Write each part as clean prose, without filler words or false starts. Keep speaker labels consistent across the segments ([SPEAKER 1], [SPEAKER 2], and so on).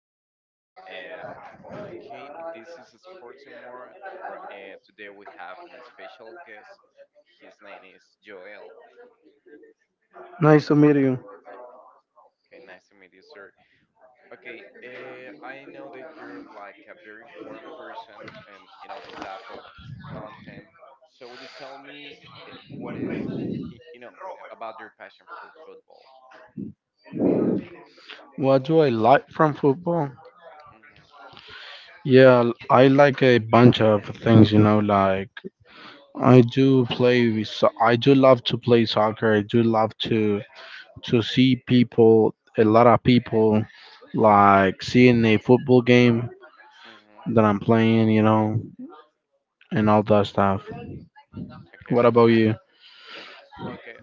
[SPEAKER 1] to us again. Um, okay, this is Sports and More. Today we have a special guest. His name is Joel.
[SPEAKER 2] Nice to meet you.
[SPEAKER 1] Okay, nice to meet you, sir. Okay, I know that you're like a very important person in this type of content. So would you tell me what is y- you know about your passion for football?
[SPEAKER 2] What do I like from football?
[SPEAKER 1] Mm-hmm,
[SPEAKER 2] Yeah, I like a bunch of things, you know, like I do love to play soccer. I do love to see people, a lot of people like seeing a football game
[SPEAKER 1] mm-hmm.
[SPEAKER 2] that I'm playing, you know, and all that stuff.
[SPEAKER 1] Okay, I
[SPEAKER 2] What about you?
[SPEAKER 1] understand. Okay,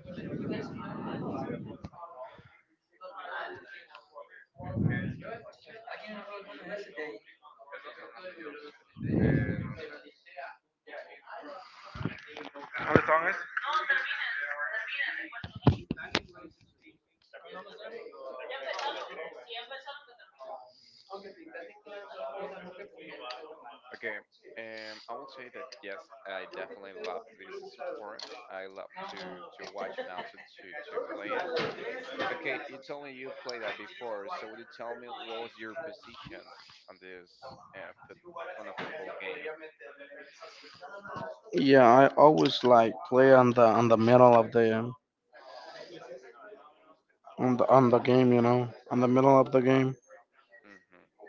[SPEAKER 1] Okay, I will say that yes, I definitely love this sport. I love to watch and also to play it. Okay, you told me you played that before, so would you tell me what was your position on this uh, foot, on a football game?
[SPEAKER 2] Yeah, I always like play on the middle of the game, you know, on the middle of the game.
[SPEAKER 1] Hmm.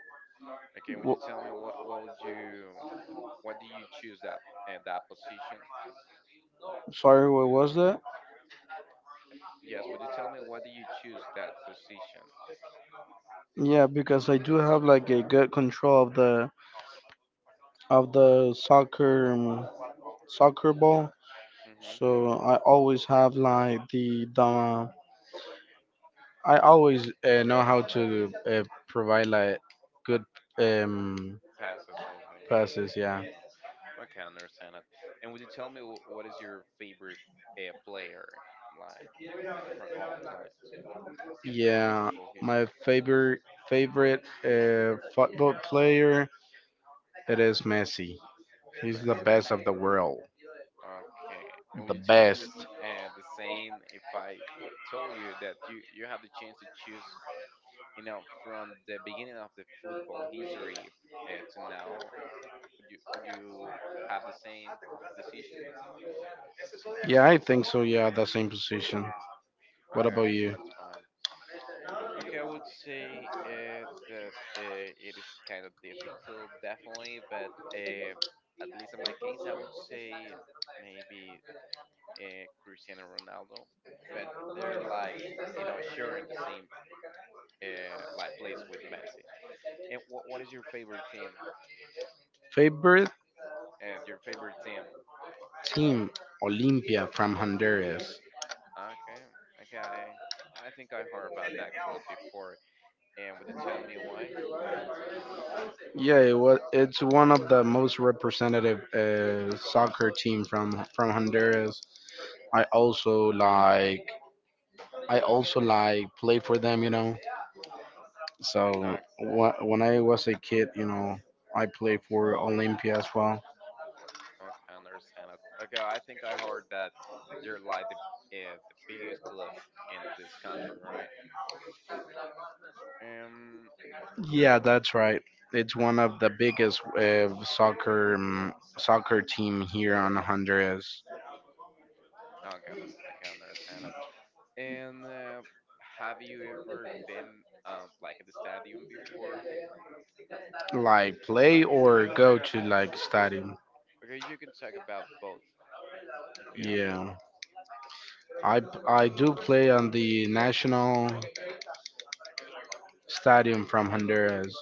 [SPEAKER 1] Okay, would you
[SPEAKER 2] Wh-
[SPEAKER 1] tell me what would you what do you choose that position?
[SPEAKER 2] Sorry, what was that?
[SPEAKER 1] Yes, would you tell me what do you choose that position?
[SPEAKER 2] Yeah, because I do have like a good control of the soccer ball,
[SPEAKER 1] Hmm.
[SPEAKER 2] so I always have like the I always know how to provide like good um
[SPEAKER 1] Passes, I think.
[SPEAKER 2] passes. Yeah,
[SPEAKER 1] Yeah. Okay, I understand that. And would you tell me what is your favorite player, like from all times in
[SPEAKER 2] yeah.
[SPEAKER 1] football
[SPEAKER 2] My
[SPEAKER 1] history?
[SPEAKER 2] favorite football player it is Messi. He's the
[SPEAKER 1] Messi.
[SPEAKER 2] best of the world,
[SPEAKER 1] Okay. And would
[SPEAKER 2] the
[SPEAKER 1] you tell me
[SPEAKER 2] best.
[SPEAKER 1] this the same if I told you that you have the chance to choose, you know, from the beginning of the football history to now? Would you have the same decision?
[SPEAKER 2] Yeah, I think so. Yeah, the same position.
[SPEAKER 1] Okay.
[SPEAKER 2] What
[SPEAKER 1] Okay,
[SPEAKER 2] about you?
[SPEAKER 1] that's fine. Okay, I would say that it is kind of difficult, definitely, but at least in my case, I would say maybe Cristiano Ronaldo, but they're like, you know, sharing the same like place with Messi. And what is your favorite team?
[SPEAKER 2] Favorite
[SPEAKER 1] Your favorite team?
[SPEAKER 2] team Olympia from Honduras.
[SPEAKER 1] Okay, okay, I think I heard about that club before, and would you tell me why?
[SPEAKER 2] Yeah, it's one of the most representative soccer team from Honduras. I also like I also like play for them, you know. So
[SPEAKER 1] Okay.
[SPEAKER 2] when I was a kid, you know, I played
[SPEAKER 1] Oh.
[SPEAKER 2] for Olympia as well.
[SPEAKER 1] Okay, I understand it. Okay, I think I heard that you're like the biggest club in this country, right? Um.
[SPEAKER 2] Yeah, that's right. It's one of the biggest soccer team here on Honduras.
[SPEAKER 1] Okay, I can understand it. And Have you ever been like at the stadium before?
[SPEAKER 2] Like play or go to like study.
[SPEAKER 1] Okay, you can talk about both if you have both.
[SPEAKER 2] Yeah. I I do play on the national stadium from Honduras.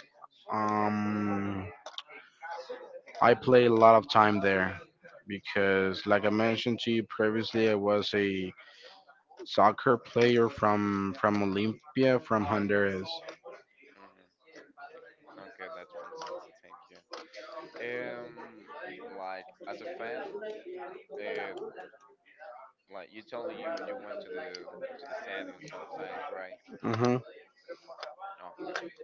[SPEAKER 1] Mhm.
[SPEAKER 2] Um, I play a lot of time there because, like I mentioned to you previously, I was a soccer player from Olympia from Honduras.
[SPEAKER 1] Mhm. Okay, that's fantastic. Thank you. Um, like as a fan, uh, like you told me you went to the stadium sometimes, right?
[SPEAKER 2] Hmm.
[SPEAKER 1] Okay.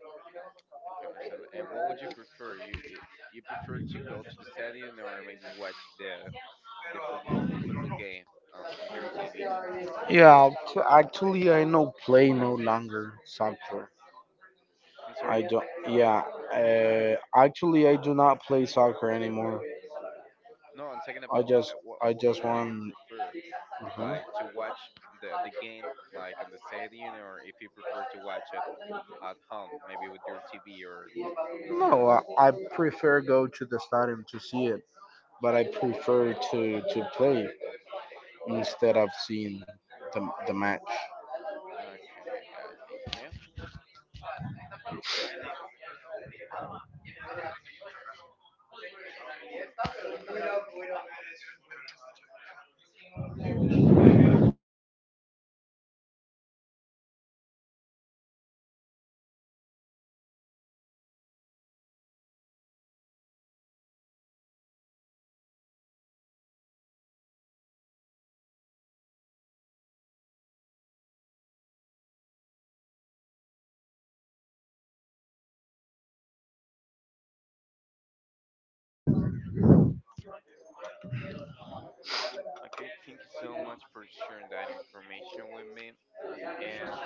[SPEAKER 1] I can understand. And what would you prefer? You prefer to go to the stadium or maybe watch the football game on your TV?
[SPEAKER 2] Yeah, actually, I no play no longer soccer.
[SPEAKER 1] I'm
[SPEAKER 2] I
[SPEAKER 1] sorry.
[SPEAKER 2] don't. Yeah, uh, actually, I do not play soccer anymore.
[SPEAKER 1] No, I'm talking
[SPEAKER 2] I
[SPEAKER 1] about
[SPEAKER 2] just I just
[SPEAKER 1] what do you
[SPEAKER 2] want.
[SPEAKER 1] prefer?
[SPEAKER 2] Mhm.
[SPEAKER 1] Like to watch the game like on the stadium, or if you prefer to watch it at home, maybe with your TV or your
[SPEAKER 2] No,
[SPEAKER 1] mobile phone.
[SPEAKER 2] I prefer go to the stadium to see it, but I prefer to play instead of seeing the match.
[SPEAKER 1] Okay, I got it. Thank you. Okay, thank you so much for sharing that information with me. And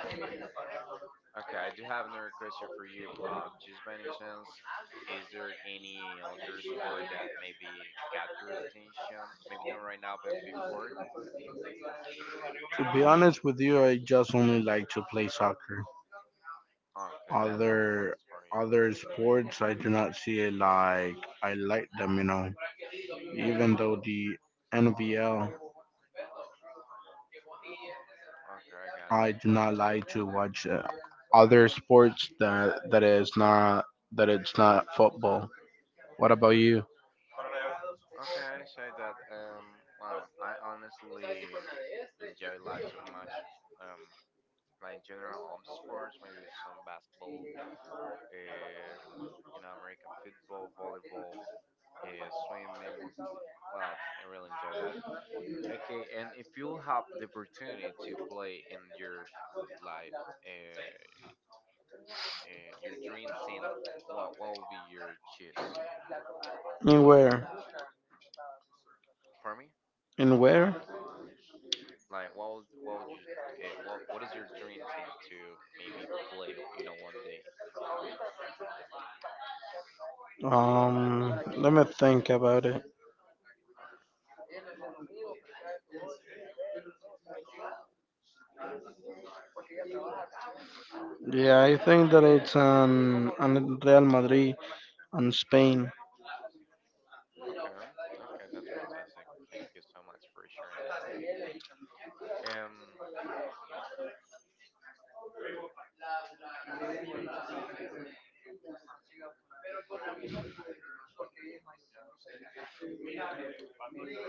[SPEAKER 1] Okay, I do have another question for you. Just by any chance, is there any other sport that maybe got your attention? Maybe not right now, but before?
[SPEAKER 2] To be honest with you, I just only like to play soccer.
[SPEAKER 1] Okay, that's the only one
[SPEAKER 2] Other
[SPEAKER 1] sport you like.
[SPEAKER 2] Other sports, I do not see it like I like them, you know. Even though the NVL,
[SPEAKER 1] Okay, I got it.
[SPEAKER 2] do not like to watch other sports that is not that it's not football. What about you?
[SPEAKER 1] Okay, I say that, well, I honestly enjoy life too much. Um, like in general, all sports, maybe with some basketball, uh, you know, American football, volleyball, swimming. Well, I really enjoy that. Okay, and if you have the opportunity to play in your like uh, your dream team, what will be your choice?
[SPEAKER 2] In where?
[SPEAKER 1] Pardon me?
[SPEAKER 2] In where?
[SPEAKER 1] Like what would you what is your dream team to maybe play? You know, one day.
[SPEAKER 2] Let me think about it. Yeah, I think that it's on Real Madrid and Spain.
[SPEAKER 1] Okay, okay, okay. That's fantastic. Thank you so much for sharing that with me. Um,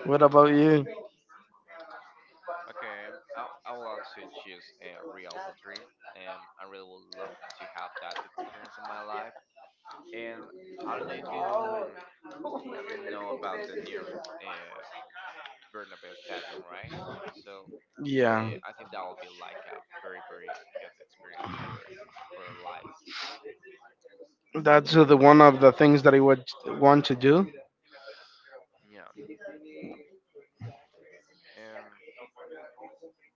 [SPEAKER 2] What about you?
[SPEAKER 1] okay, I will also choose Real Madrid. I really would love to have that experience in my life, and I don't know if you know about the new Bernabeu Stadium, right? So
[SPEAKER 2] Yeah,
[SPEAKER 1] I think that will be like a very good experience for lights.
[SPEAKER 2] that's the one of the things that I would want to do.
[SPEAKER 1] Yeah. Um.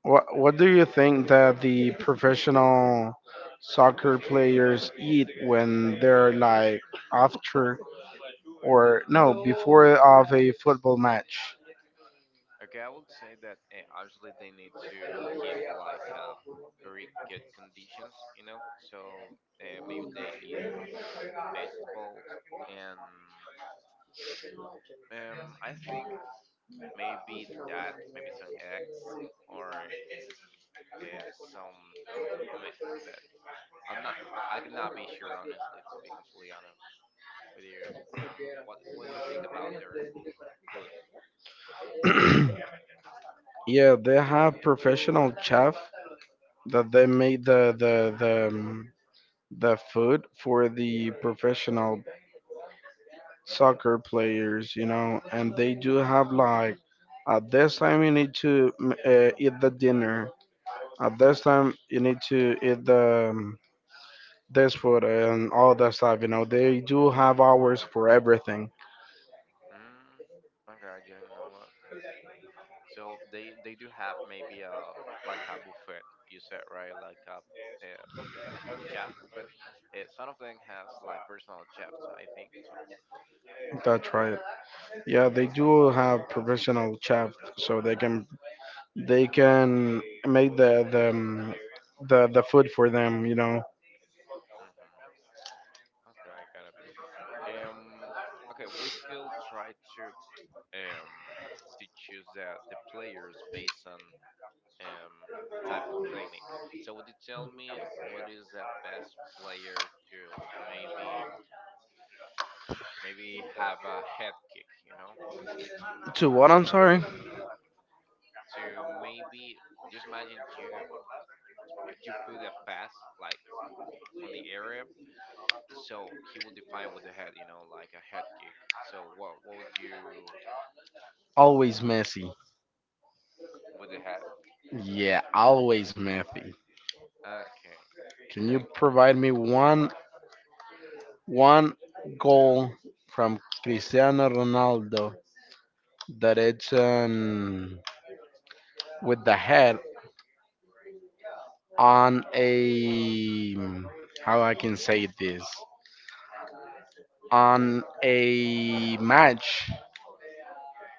[SPEAKER 2] What do you think that the professional soccer players eat when they're like after or no before of a football match?
[SPEAKER 1] Okay, I would say that actually they need to keep like very good conditions, you know. So maybe they eat vegetables and I think maybe some eggs or some myth that I'm not. I cannot be sure, honestly, to be completely honest with you. What do you think about their food?
[SPEAKER 2] Yeah, they have professional chef
[SPEAKER 1] Mhm,
[SPEAKER 2] that they
[SPEAKER 1] mhm,
[SPEAKER 2] make the food for the professional
[SPEAKER 1] mm
[SPEAKER 2] soccer players, you know, and they do have like at this time you need to eat the dinner. At this time you need to eat the um, this food and all that stuff. You know, they do have hours for everything.
[SPEAKER 1] mm. Okay, I didn't know that. So they do have maybe a like a buffet. You said right, like a, uh chef, but some of them has like personal chefs. I think so.
[SPEAKER 2] That's right. Yeah, they do have professional chef, so they can make the food for them. You know,
[SPEAKER 1] Hmm. Okay, I got it. Um, okay, we could try um to choose the players based on um, type of technique. So would you tell me what is the best player to maybe maybe have a head kick, you know?
[SPEAKER 2] to what, I'm sorry?
[SPEAKER 1] To maybe just imagine you put a pass like on the area, so he will define with the head, you know, like a head kick. So what would you
[SPEAKER 2] Always messy.
[SPEAKER 1] with the head?
[SPEAKER 2] Yeah, always messy.
[SPEAKER 1] Okay,
[SPEAKER 2] Can you
[SPEAKER 1] okay.
[SPEAKER 2] provide me one goal from Cristiano Ronaldo that it's with the head on a, how I can say this, on a match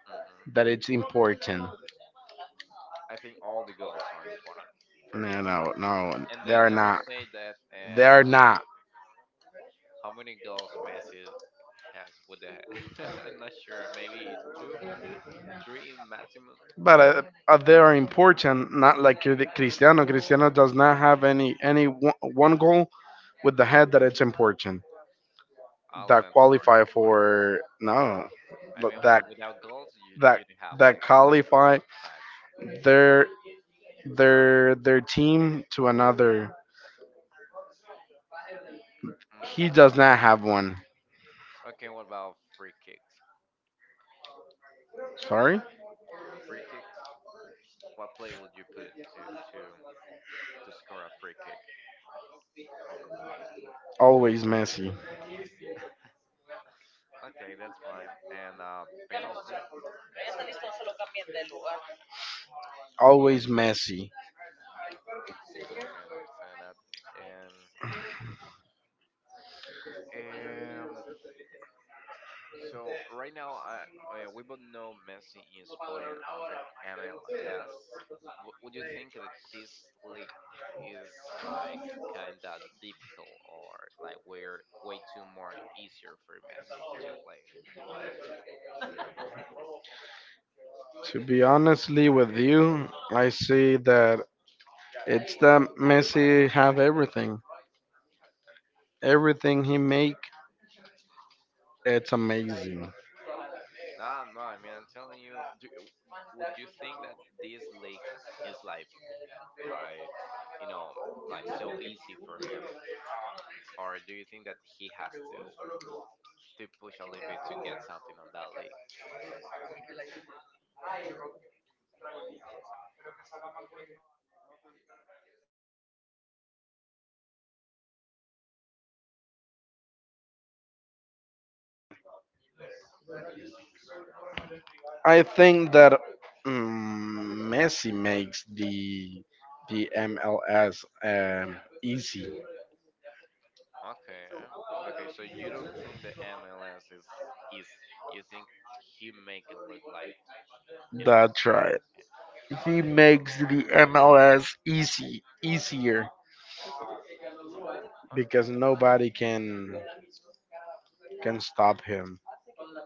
[SPEAKER 1] Hmm.
[SPEAKER 2] that it's important.
[SPEAKER 1] I think all the goals are important, first
[SPEAKER 2] No,
[SPEAKER 1] of all.
[SPEAKER 2] no, no,
[SPEAKER 1] And
[SPEAKER 2] they're
[SPEAKER 1] then I would
[SPEAKER 2] not.
[SPEAKER 1] say that
[SPEAKER 2] They're not.
[SPEAKER 1] how many goals Messi has with the head? I'm not sure. Maybe two, three maximum.
[SPEAKER 2] But they are important. Not like Cristiano. Cristiano does not have any one goal with the head that it's important
[SPEAKER 1] All of
[SPEAKER 2] that
[SPEAKER 1] them are
[SPEAKER 2] qualify
[SPEAKER 1] important.
[SPEAKER 2] for no,
[SPEAKER 1] I
[SPEAKER 2] but
[SPEAKER 1] mean, without goals,
[SPEAKER 2] that
[SPEAKER 1] you don't have
[SPEAKER 2] that
[SPEAKER 1] like a win on the
[SPEAKER 2] qualify
[SPEAKER 1] other match.
[SPEAKER 2] their their team to another. He
[SPEAKER 1] Mm,
[SPEAKER 2] does not have one.
[SPEAKER 1] okay, what about free kicks?
[SPEAKER 2] Sorry?
[SPEAKER 1] Free kicks. What play would you put to score a free kick?
[SPEAKER 2] Always messy.
[SPEAKER 1] Okay, that's fine. And Penalty.
[SPEAKER 2] Always messy.
[SPEAKER 1] Okay, understand that. And So right now, we both know Messi is playing on the MLS. Would you think that this league is like kinda difficult or like we're way too more easier for Messi to play?
[SPEAKER 2] To be honestly with you, I see that Messi have everything. Everything he make, it's amazing.
[SPEAKER 1] No, no. I mean, I'm telling you. Would you think that this league is like you know like so easy for him, or do you think that he has to push a little bit to get something on that league?
[SPEAKER 2] I think that Messi makes the MLS easy.
[SPEAKER 1] Okay. um, Okay. So you don't think the MLS is easy. You think he make it look like you know
[SPEAKER 2] That's right.
[SPEAKER 1] easy.
[SPEAKER 2] He makes the MLS easy, easier
[SPEAKER 1] Okay.
[SPEAKER 2] because nobody can stop him.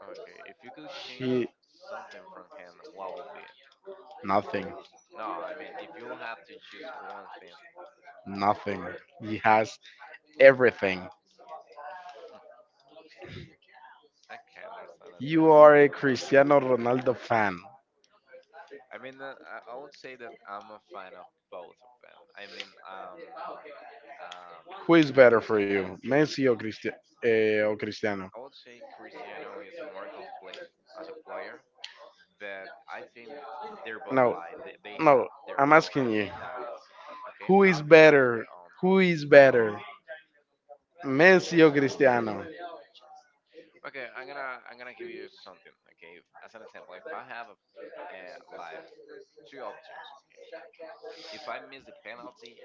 [SPEAKER 1] Okay. If you could change
[SPEAKER 2] He
[SPEAKER 1] something from him, what would be?
[SPEAKER 2] nothing,
[SPEAKER 1] No, I mean if you have to choose one thing,
[SPEAKER 2] nothing. He has everything.
[SPEAKER 1] I can understand it.
[SPEAKER 2] You are a Cristiano Ronaldo fan.
[SPEAKER 1] I mean, I would say that I'm a fan of both of them. I mean, um,
[SPEAKER 2] Who is better for you, Messi or Cristiano?
[SPEAKER 1] I would say Cristiano is more complete as a player, but I think they're both
[SPEAKER 2] No,
[SPEAKER 1] like they
[SPEAKER 2] no.
[SPEAKER 1] have their
[SPEAKER 2] I'm
[SPEAKER 1] own
[SPEAKER 2] asking you,
[SPEAKER 1] styles. Okay,
[SPEAKER 2] who is
[SPEAKER 1] they have their
[SPEAKER 2] better?
[SPEAKER 1] own
[SPEAKER 2] Who is
[SPEAKER 1] styles.
[SPEAKER 2] better, Messi or Cristiano?
[SPEAKER 1] Okay, I'm gonna give you something. Okay, as an example, if I have a, uh, like two options. Okay, if I miss the penalty,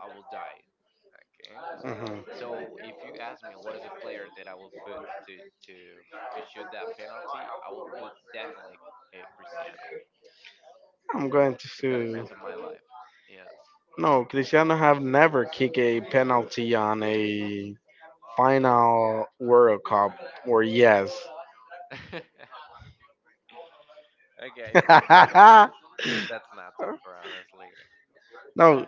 [SPEAKER 1] I will die. Okay,
[SPEAKER 2] Mhm.
[SPEAKER 1] so if you ask me what is a player that I will put to to shoot that penalty, I will put definitely Cristiano.
[SPEAKER 2] I'm going
[SPEAKER 1] If that
[SPEAKER 2] to.
[SPEAKER 1] depends on my life, yes.
[SPEAKER 2] No, Cristiano have never kicked a penalty on a final World Cup. Or yes.
[SPEAKER 1] Okay, I think that that's not too far, honestly.
[SPEAKER 2] No,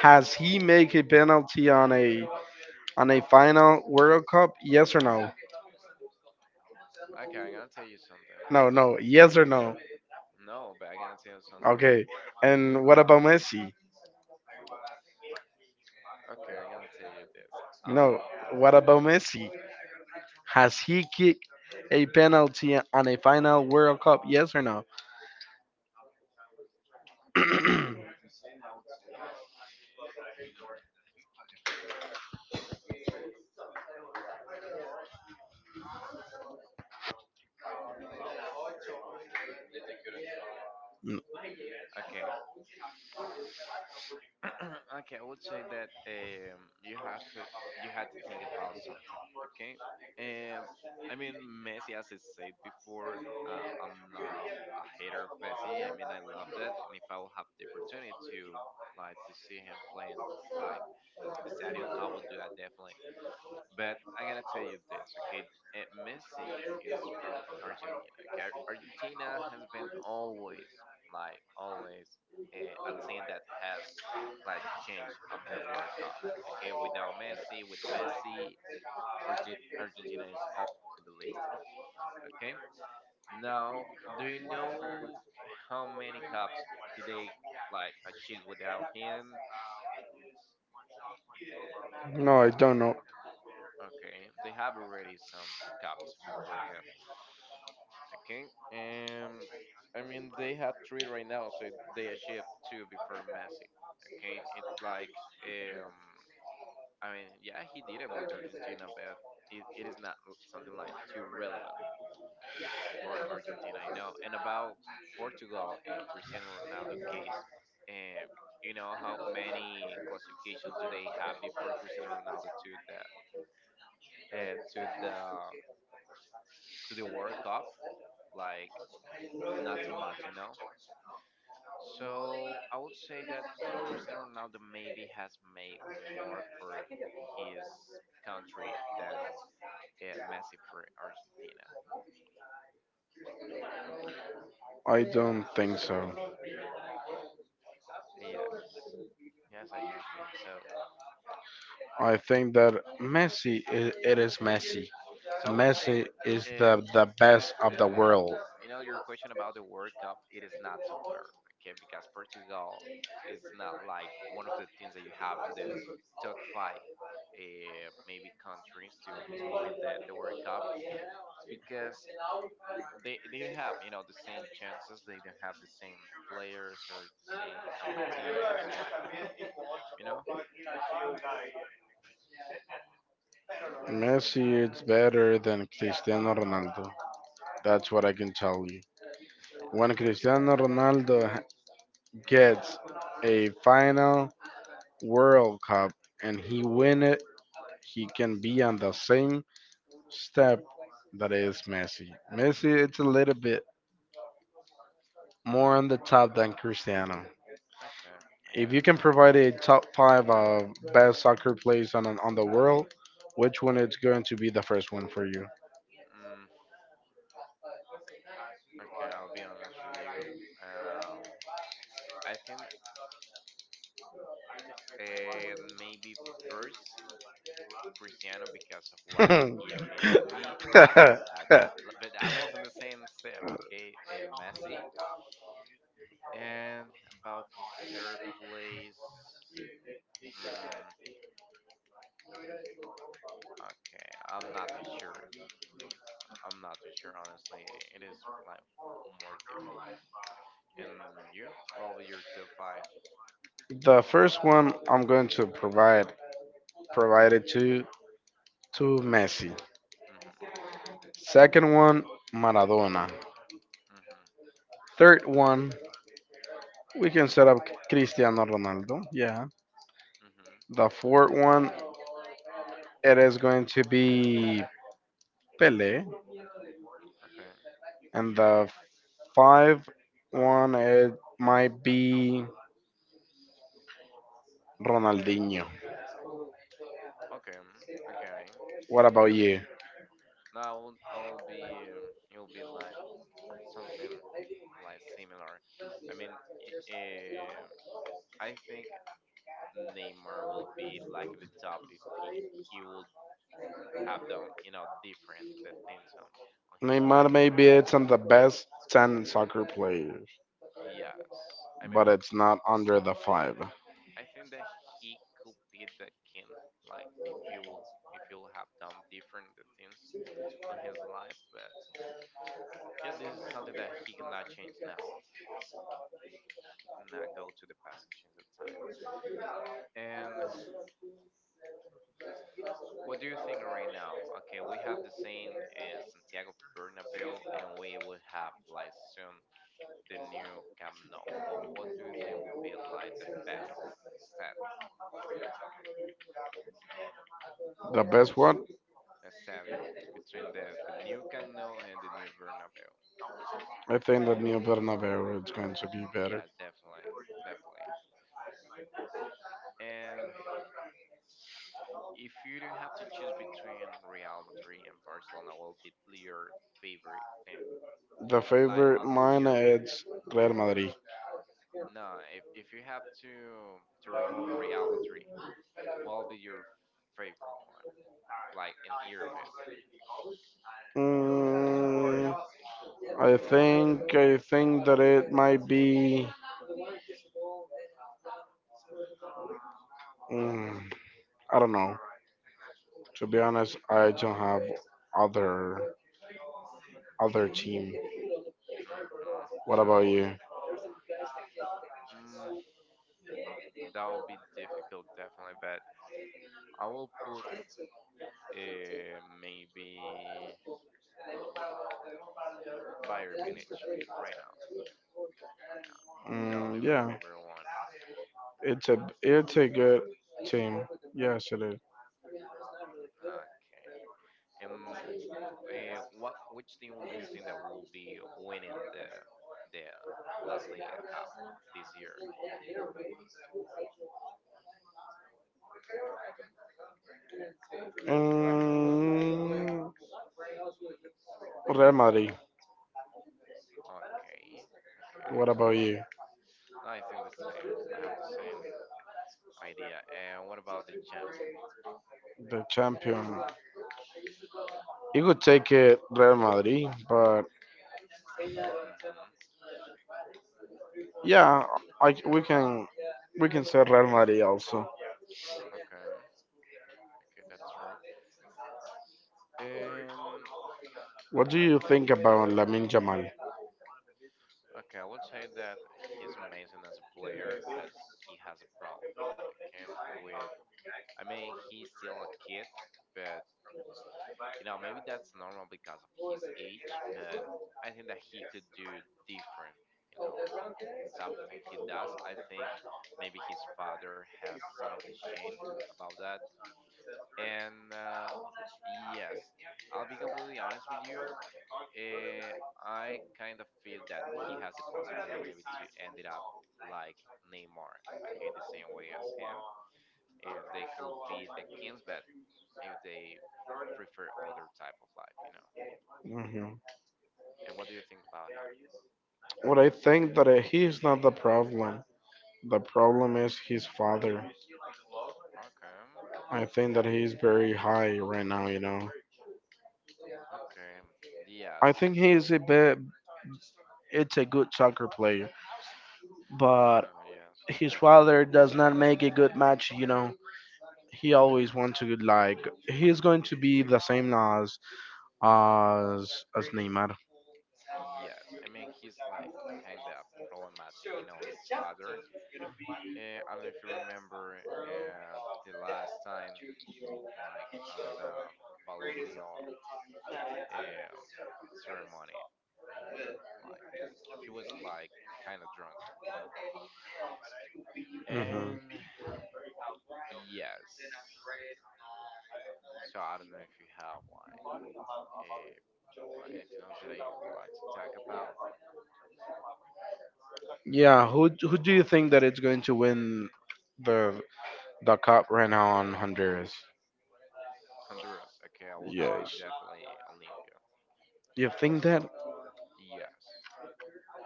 [SPEAKER 2] has he made a penalty on a final World Cup? Yes or no?
[SPEAKER 1] Okay, I'm gonna tell you something.
[SPEAKER 2] No, no. Yes or
[SPEAKER 1] Okay,
[SPEAKER 2] no?
[SPEAKER 1] no, but I'm gonna tell you something.
[SPEAKER 2] Okay. And what about Messi?
[SPEAKER 1] Okay, I'm gonna tell you this. Um,
[SPEAKER 2] No. What about Messi? Has he kicked a penalty on a final World Cup? Yes or no?
[SPEAKER 1] okay, okay, I would say that you have to you had to think about something. Okay, um, I mean Messi, as I said before, I'm not a hater of Messi. I mean I love that, and if I will have the opportunity to like to see him playing like in the stadium, I will do that definitely. But I gotta tell you this, okay? Messi is from Argentina. Okay? Argentina has been always, like, always a team that has, like, changed on the World Cup. Okay? Without Messi, with Messi, Argentina is all on the list. Okay? Now, do you know how many cups did they, like, achieve without him?
[SPEAKER 2] No, I don't know.
[SPEAKER 1] Okay? They have already some cups before him. Okay. I mean they had three right now, so they achieved two before Messi. Okay, it's like um, I mean yeah, he did it with Argentina, but it is not something like too relevant for Argentina, you know. And about Portugal and Cristiano Ronaldo case, um, you know how many classifications do they have before Cristiano Ronaldo to the uh, to the to the World Cup? Like not too much, you know. So I would say that Cristiano Ronaldo maybe has made more for his country than Messi for Argentina.
[SPEAKER 2] I don't think so.
[SPEAKER 1] Yes, yes, I do think so.
[SPEAKER 2] I think that Messi, I it is Messi.
[SPEAKER 1] So I would say
[SPEAKER 2] Messi is
[SPEAKER 1] uh,
[SPEAKER 2] the
[SPEAKER 1] the
[SPEAKER 2] best of the world.
[SPEAKER 1] you know your question about the World Cup it is not too fair, okay? Because Portugal is not like one of the teams that you have on the top 5. Maybe countries to win the World Cup because they don't have you know the same chances. They don't have the same players or the same opportunities. You know.
[SPEAKER 2] Messi is better than Cristiano Ronaldo. That's what I can tell you.
[SPEAKER 1] I,
[SPEAKER 2] When Cristiano Ronaldo
[SPEAKER 1] mhm.
[SPEAKER 2] gets a final World Cup and he win it, he can be on the same step that is Messi. Messi, it's a little bit more on the top than Cristiano.
[SPEAKER 1] Okay, I
[SPEAKER 2] If you
[SPEAKER 1] got it.
[SPEAKER 2] can provide a top five of best soccer players on the world, which one is going to be the first one for you?
[SPEAKER 1] Mm, okay, I'll be honest with you. Um, I think maybe first Cristiano because of what he means
[SPEAKER 2] The
[SPEAKER 1] to me. After that, but almost in the same step. Okay, Messi, and about the third place. Mm, okay, I'm not too sure. I'm not too sure, honestly. It is like more difficult. And you? Well, but you're still five.
[SPEAKER 2] first one I'm going to provide it to Messi.
[SPEAKER 1] Mm-hmm.
[SPEAKER 2] Second one, Maradona.
[SPEAKER 1] Mm-hmm.
[SPEAKER 2] Third one, we can set up Cristiano Ronaldo. Yeah.
[SPEAKER 1] Mm-hmm.
[SPEAKER 2] The fourth one, it is going to be Pele.
[SPEAKER 1] Okay.
[SPEAKER 2] And the five one, it might be Ronaldinho.
[SPEAKER 1] Okay. Mm. Okay.
[SPEAKER 2] What about
[SPEAKER 1] I mean,
[SPEAKER 2] you?
[SPEAKER 1] now I'll be. You'll be like something like similar. I mean, uh, I think Neymar will be like the top if he would have done, you know, different the things on his
[SPEAKER 2] Neymar,
[SPEAKER 1] life.
[SPEAKER 2] maybe it's on the best 10 soccer players,
[SPEAKER 1] Yes. I mean,
[SPEAKER 2] but
[SPEAKER 1] but
[SPEAKER 2] it's not under the five.
[SPEAKER 1] I think that he could be the king. Like if you have done different things on his life, but yeah, this is something that he cannot change now. He cannot go to the past and change the time. And what do you think right now? Okay, we have the same in Santiago Bernabeu, and we will have like soon the new Camp Nou. What do you think would be like the best step?
[SPEAKER 2] The best what?
[SPEAKER 1] Stadium between the new Camp Nou and the new Bernabeu.
[SPEAKER 2] I think that New Bernabeu is going to be better.
[SPEAKER 1] Yes, definitely, definitely. And if you don't have to choose between Real Madrid and Barcelona, what would be your favorite team?
[SPEAKER 2] The
[SPEAKER 1] And like
[SPEAKER 2] favorite
[SPEAKER 1] on
[SPEAKER 2] mine
[SPEAKER 1] European,
[SPEAKER 2] is Real
[SPEAKER 1] and
[SPEAKER 2] Madrid.
[SPEAKER 1] no, if you have to remove Real Madrid, what would be your favorite one? Like in European.
[SPEAKER 2] Mm, I think that it might be. Mm, I don't know. To be honest, I don't have other other team.
[SPEAKER 1] Hmm.
[SPEAKER 2] What about
[SPEAKER 1] So
[SPEAKER 2] you?
[SPEAKER 1] mm, that would be difficult, definitely. But I will put maybe Bayern Munich right now. Oh no, that'll be
[SPEAKER 2] Mm,
[SPEAKER 1] my
[SPEAKER 2] yeah,
[SPEAKER 1] favorite one.
[SPEAKER 2] it's a good team. Yes, it is.
[SPEAKER 1] Okay. And what which team do you think that will be winning the the La Liga Cup this year?
[SPEAKER 2] Mm, Real Madrid.
[SPEAKER 1] Okay. Okay.
[SPEAKER 2] What about you?
[SPEAKER 1] Yeah. I think the same. I have the same idea. And what about the champion?
[SPEAKER 2] The champion. You could take it Real Madrid, but
[SPEAKER 1] Mm-hmm.
[SPEAKER 2] yeah, I, we can we can say Real Madrid also.
[SPEAKER 1] Okay. Okay, that's true. Um.
[SPEAKER 2] What do you think about Lamin Jamal?
[SPEAKER 1] Okay, I would say that he's amazing as a player, but he has a problem. Okay, with I mean, he's still a kid, but you know, maybe that's normal because of his age. But I think that he could do different. You know, the type of thing he does. I think maybe his father has son of the shame about that. And yes, I'll be completely honest with you. Uh, I kind of feel that he has a possibility maybe to end it up like Neymar. Okay, the same way as him, and they could be the Kings, but if they prefer other type of life, you know.
[SPEAKER 2] Hmm.
[SPEAKER 1] And what do you think about him?
[SPEAKER 2] Well, I think that he is not the problem. The problem is his father.
[SPEAKER 1] Okay,
[SPEAKER 2] I think that he is very high right now, you know.
[SPEAKER 1] okay,
[SPEAKER 2] I
[SPEAKER 1] yes,
[SPEAKER 2] think it's a good soccer player,
[SPEAKER 1] no,
[SPEAKER 2] but
[SPEAKER 1] no, yes,
[SPEAKER 2] his
[SPEAKER 1] definitely,
[SPEAKER 2] father does not make a good match. You know, he always wants to like he's going to be the same as as Neymar.
[SPEAKER 1] yes. I mean, he's like kind of problematic, you know. His father. I don't know if you remember uh, the last time, like on the Ballon d'Or um ceremony, like he was like kind of drunk, you know.
[SPEAKER 2] Hmm.
[SPEAKER 1] And yes, so I don't know if you have uh, like anything else that I would like to talk about.
[SPEAKER 2] Yeah, who who do you think that it's going to win the the cup right now on Honduras?
[SPEAKER 1] Honduras. Okay, I would say
[SPEAKER 2] Yes,
[SPEAKER 1] definitely Olympia.
[SPEAKER 2] you think that?
[SPEAKER 1] Yes,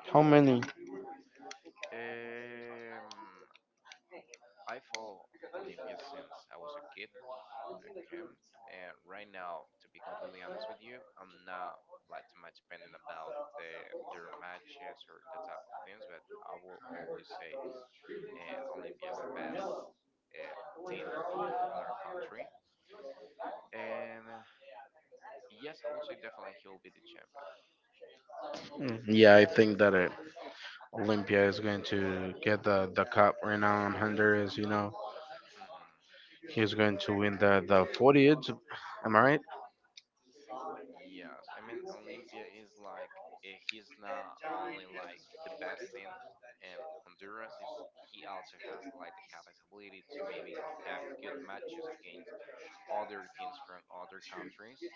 [SPEAKER 1] yes.
[SPEAKER 2] How
[SPEAKER 1] I mean,
[SPEAKER 2] many?
[SPEAKER 1] um, I follow Olympia since I was a kid. Okay, and right now, to be completely honest with you, I'm not like too much depending about their matches or the type of things, but I will always say Olympia is the best uh, team on our country. And yes, I would say definitely he'll be the champion.
[SPEAKER 2] Mm, yeah, I think that it. Olympia is going to get the cup right now in Honduras. You know,
[SPEAKER 1] Hmm.
[SPEAKER 2] he's going to win the 40th. Am I right?
[SPEAKER 1] Yes, I mean Olympia is like eh, he's not only like the best in in Honduras, is he also has like the capability to maybe have good matches against other teams from other countries,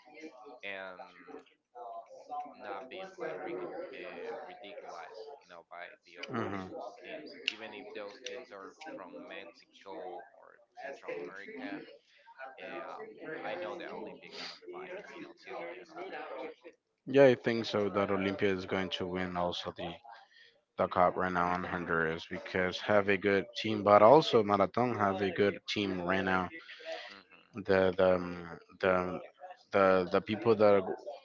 [SPEAKER 1] and not being like ridiculized, you know, by the other
[SPEAKER 2] Hmm.
[SPEAKER 1] teams, even if those teams are from Mexico or Central America. Yeah, I know that Olympia gonna fight, you know, till the end of the match.
[SPEAKER 2] Yeah, I think so. That Olympia is going to win also talk up right now on Honduras because have a good team, but also Marathon have a good team right now.
[SPEAKER 1] Mm-hmm.
[SPEAKER 2] The the um, the the people that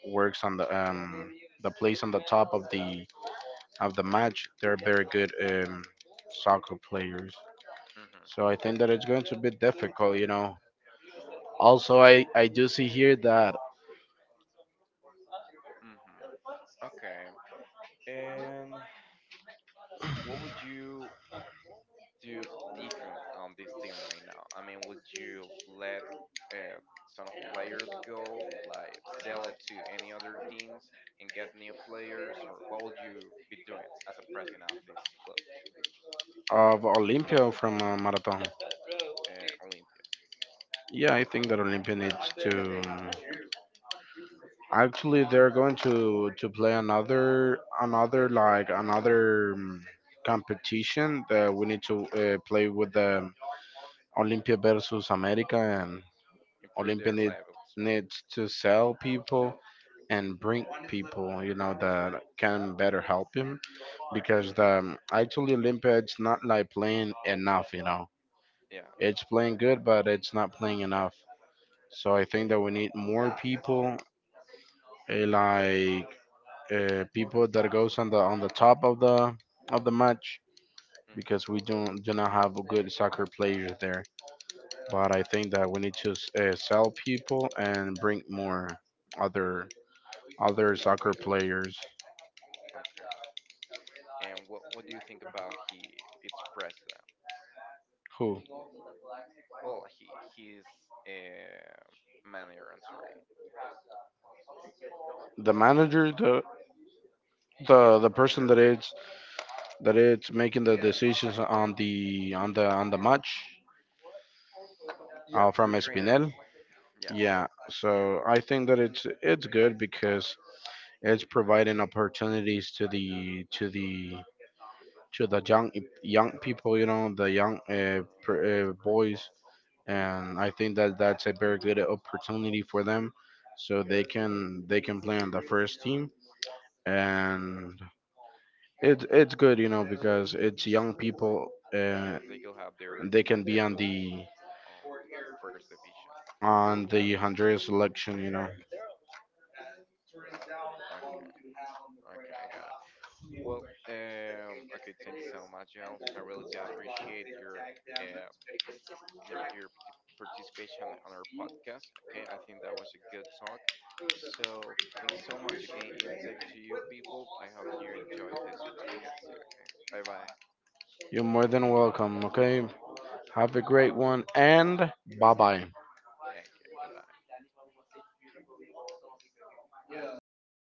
[SPEAKER 2] works on the place on the top of the match, they're very good soccer players. So
[SPEAKER 1] Mm-hmm.
[SPEAKER 2] I think that it's going to be difficult, you know. Also, I do see here that
[SPEAKER 1] Mm-hmm. Okay. And what would you do different on this team right now? I mean, would you let uh, some of the players go, like sell it to any other teams and get new players, or what would you be doing as a president of this club,
[SPEAKER 2] of Olympia from Marathon.
[SPEAKER 1] Olympia?
[SPEAKER 2] Yeah, I think that Olympia needs to. Actually, they're going to play another another like another competition that we need to play with the Olympia versus America, and
[SPEAKER 1] Improve
[SPEAKER 2] Olympia
[SPEAKER 1] their levels, basically.
[SPEAKER 2] needs to sell people and bring people, you know, that can better help him because
[SPEAKER 1] Mhm.
[SPEAKER 2] actually Olympia it's not like playing enough, you know,
[SPEAKER 1] Yes.
[SPEAKER 2] it's playing good, but it's not playing enough. So I think that we need more people, like people that goes on the top of the match because we don't do not have good soccer players there. But I think that we need to sell people and bring more other other
[SPEAKER 1] New
[SPEAKER 2] soccer
[SPEAKER 1] players.
[SPEAKER 2] players.
[SPEAKER 1] Okay. And what do you think about he? Its president.
[SPEAKER 2] Who?
[SPEAKER 1] Well, he's a manager. I'm sorry.
[SPEAKER 2] The manager, the
[SPEAKER 1] Yeah,
[SPEAKER 2] the
[SPEAKER 1] the
[SPEAKER 2] the person
[SPEAKER 1] trainer basically.
[SPEAKER 2] that is making the decisions on the match,
[SPEAKER 1] Yes,
[SPEAKER 2] from
[SPEAKER 1] the trainer.
[SPEAKER 2] Espinel.
[SPEAKER 1] Yes,
[SPEAKER 2] Yeah,
[SPEAKER 1] him.
[SPEAKER 2] so I think that it's good because it's providing opportunities to the young people, you know, the young
[SPEAKER 1] Hmm. That's very
[SPEAKER 2] boys,
[SPEAKER 1] important.
[SPEAKER 2] and I think that that's a very good opportunity for them, so they can play on the first team, and it's good, you know, because it's young people, uh,
[SPEAKER 1] Yes, they could have their
[SPEAKER 2] and they can be on
[SPEAKER 1] debut on the first division.
[SPEAKER 2] the Honduras selection, you know.
[SPEAKER 1] Okay, okay, I got it. Well, okay, thank you so much, Jill. I really do appreciate um your participation on our podcast. Okay, I think that was a good talk. So thank you so much. Okay, and thank to you people. I hope you enjoyed this podcast. Okay, bye bye.
[SPEAKER 2] You're more than welcome. Okay, have a great one, and bye bye.
[SPEAKER 1] Thank you. Bye bye.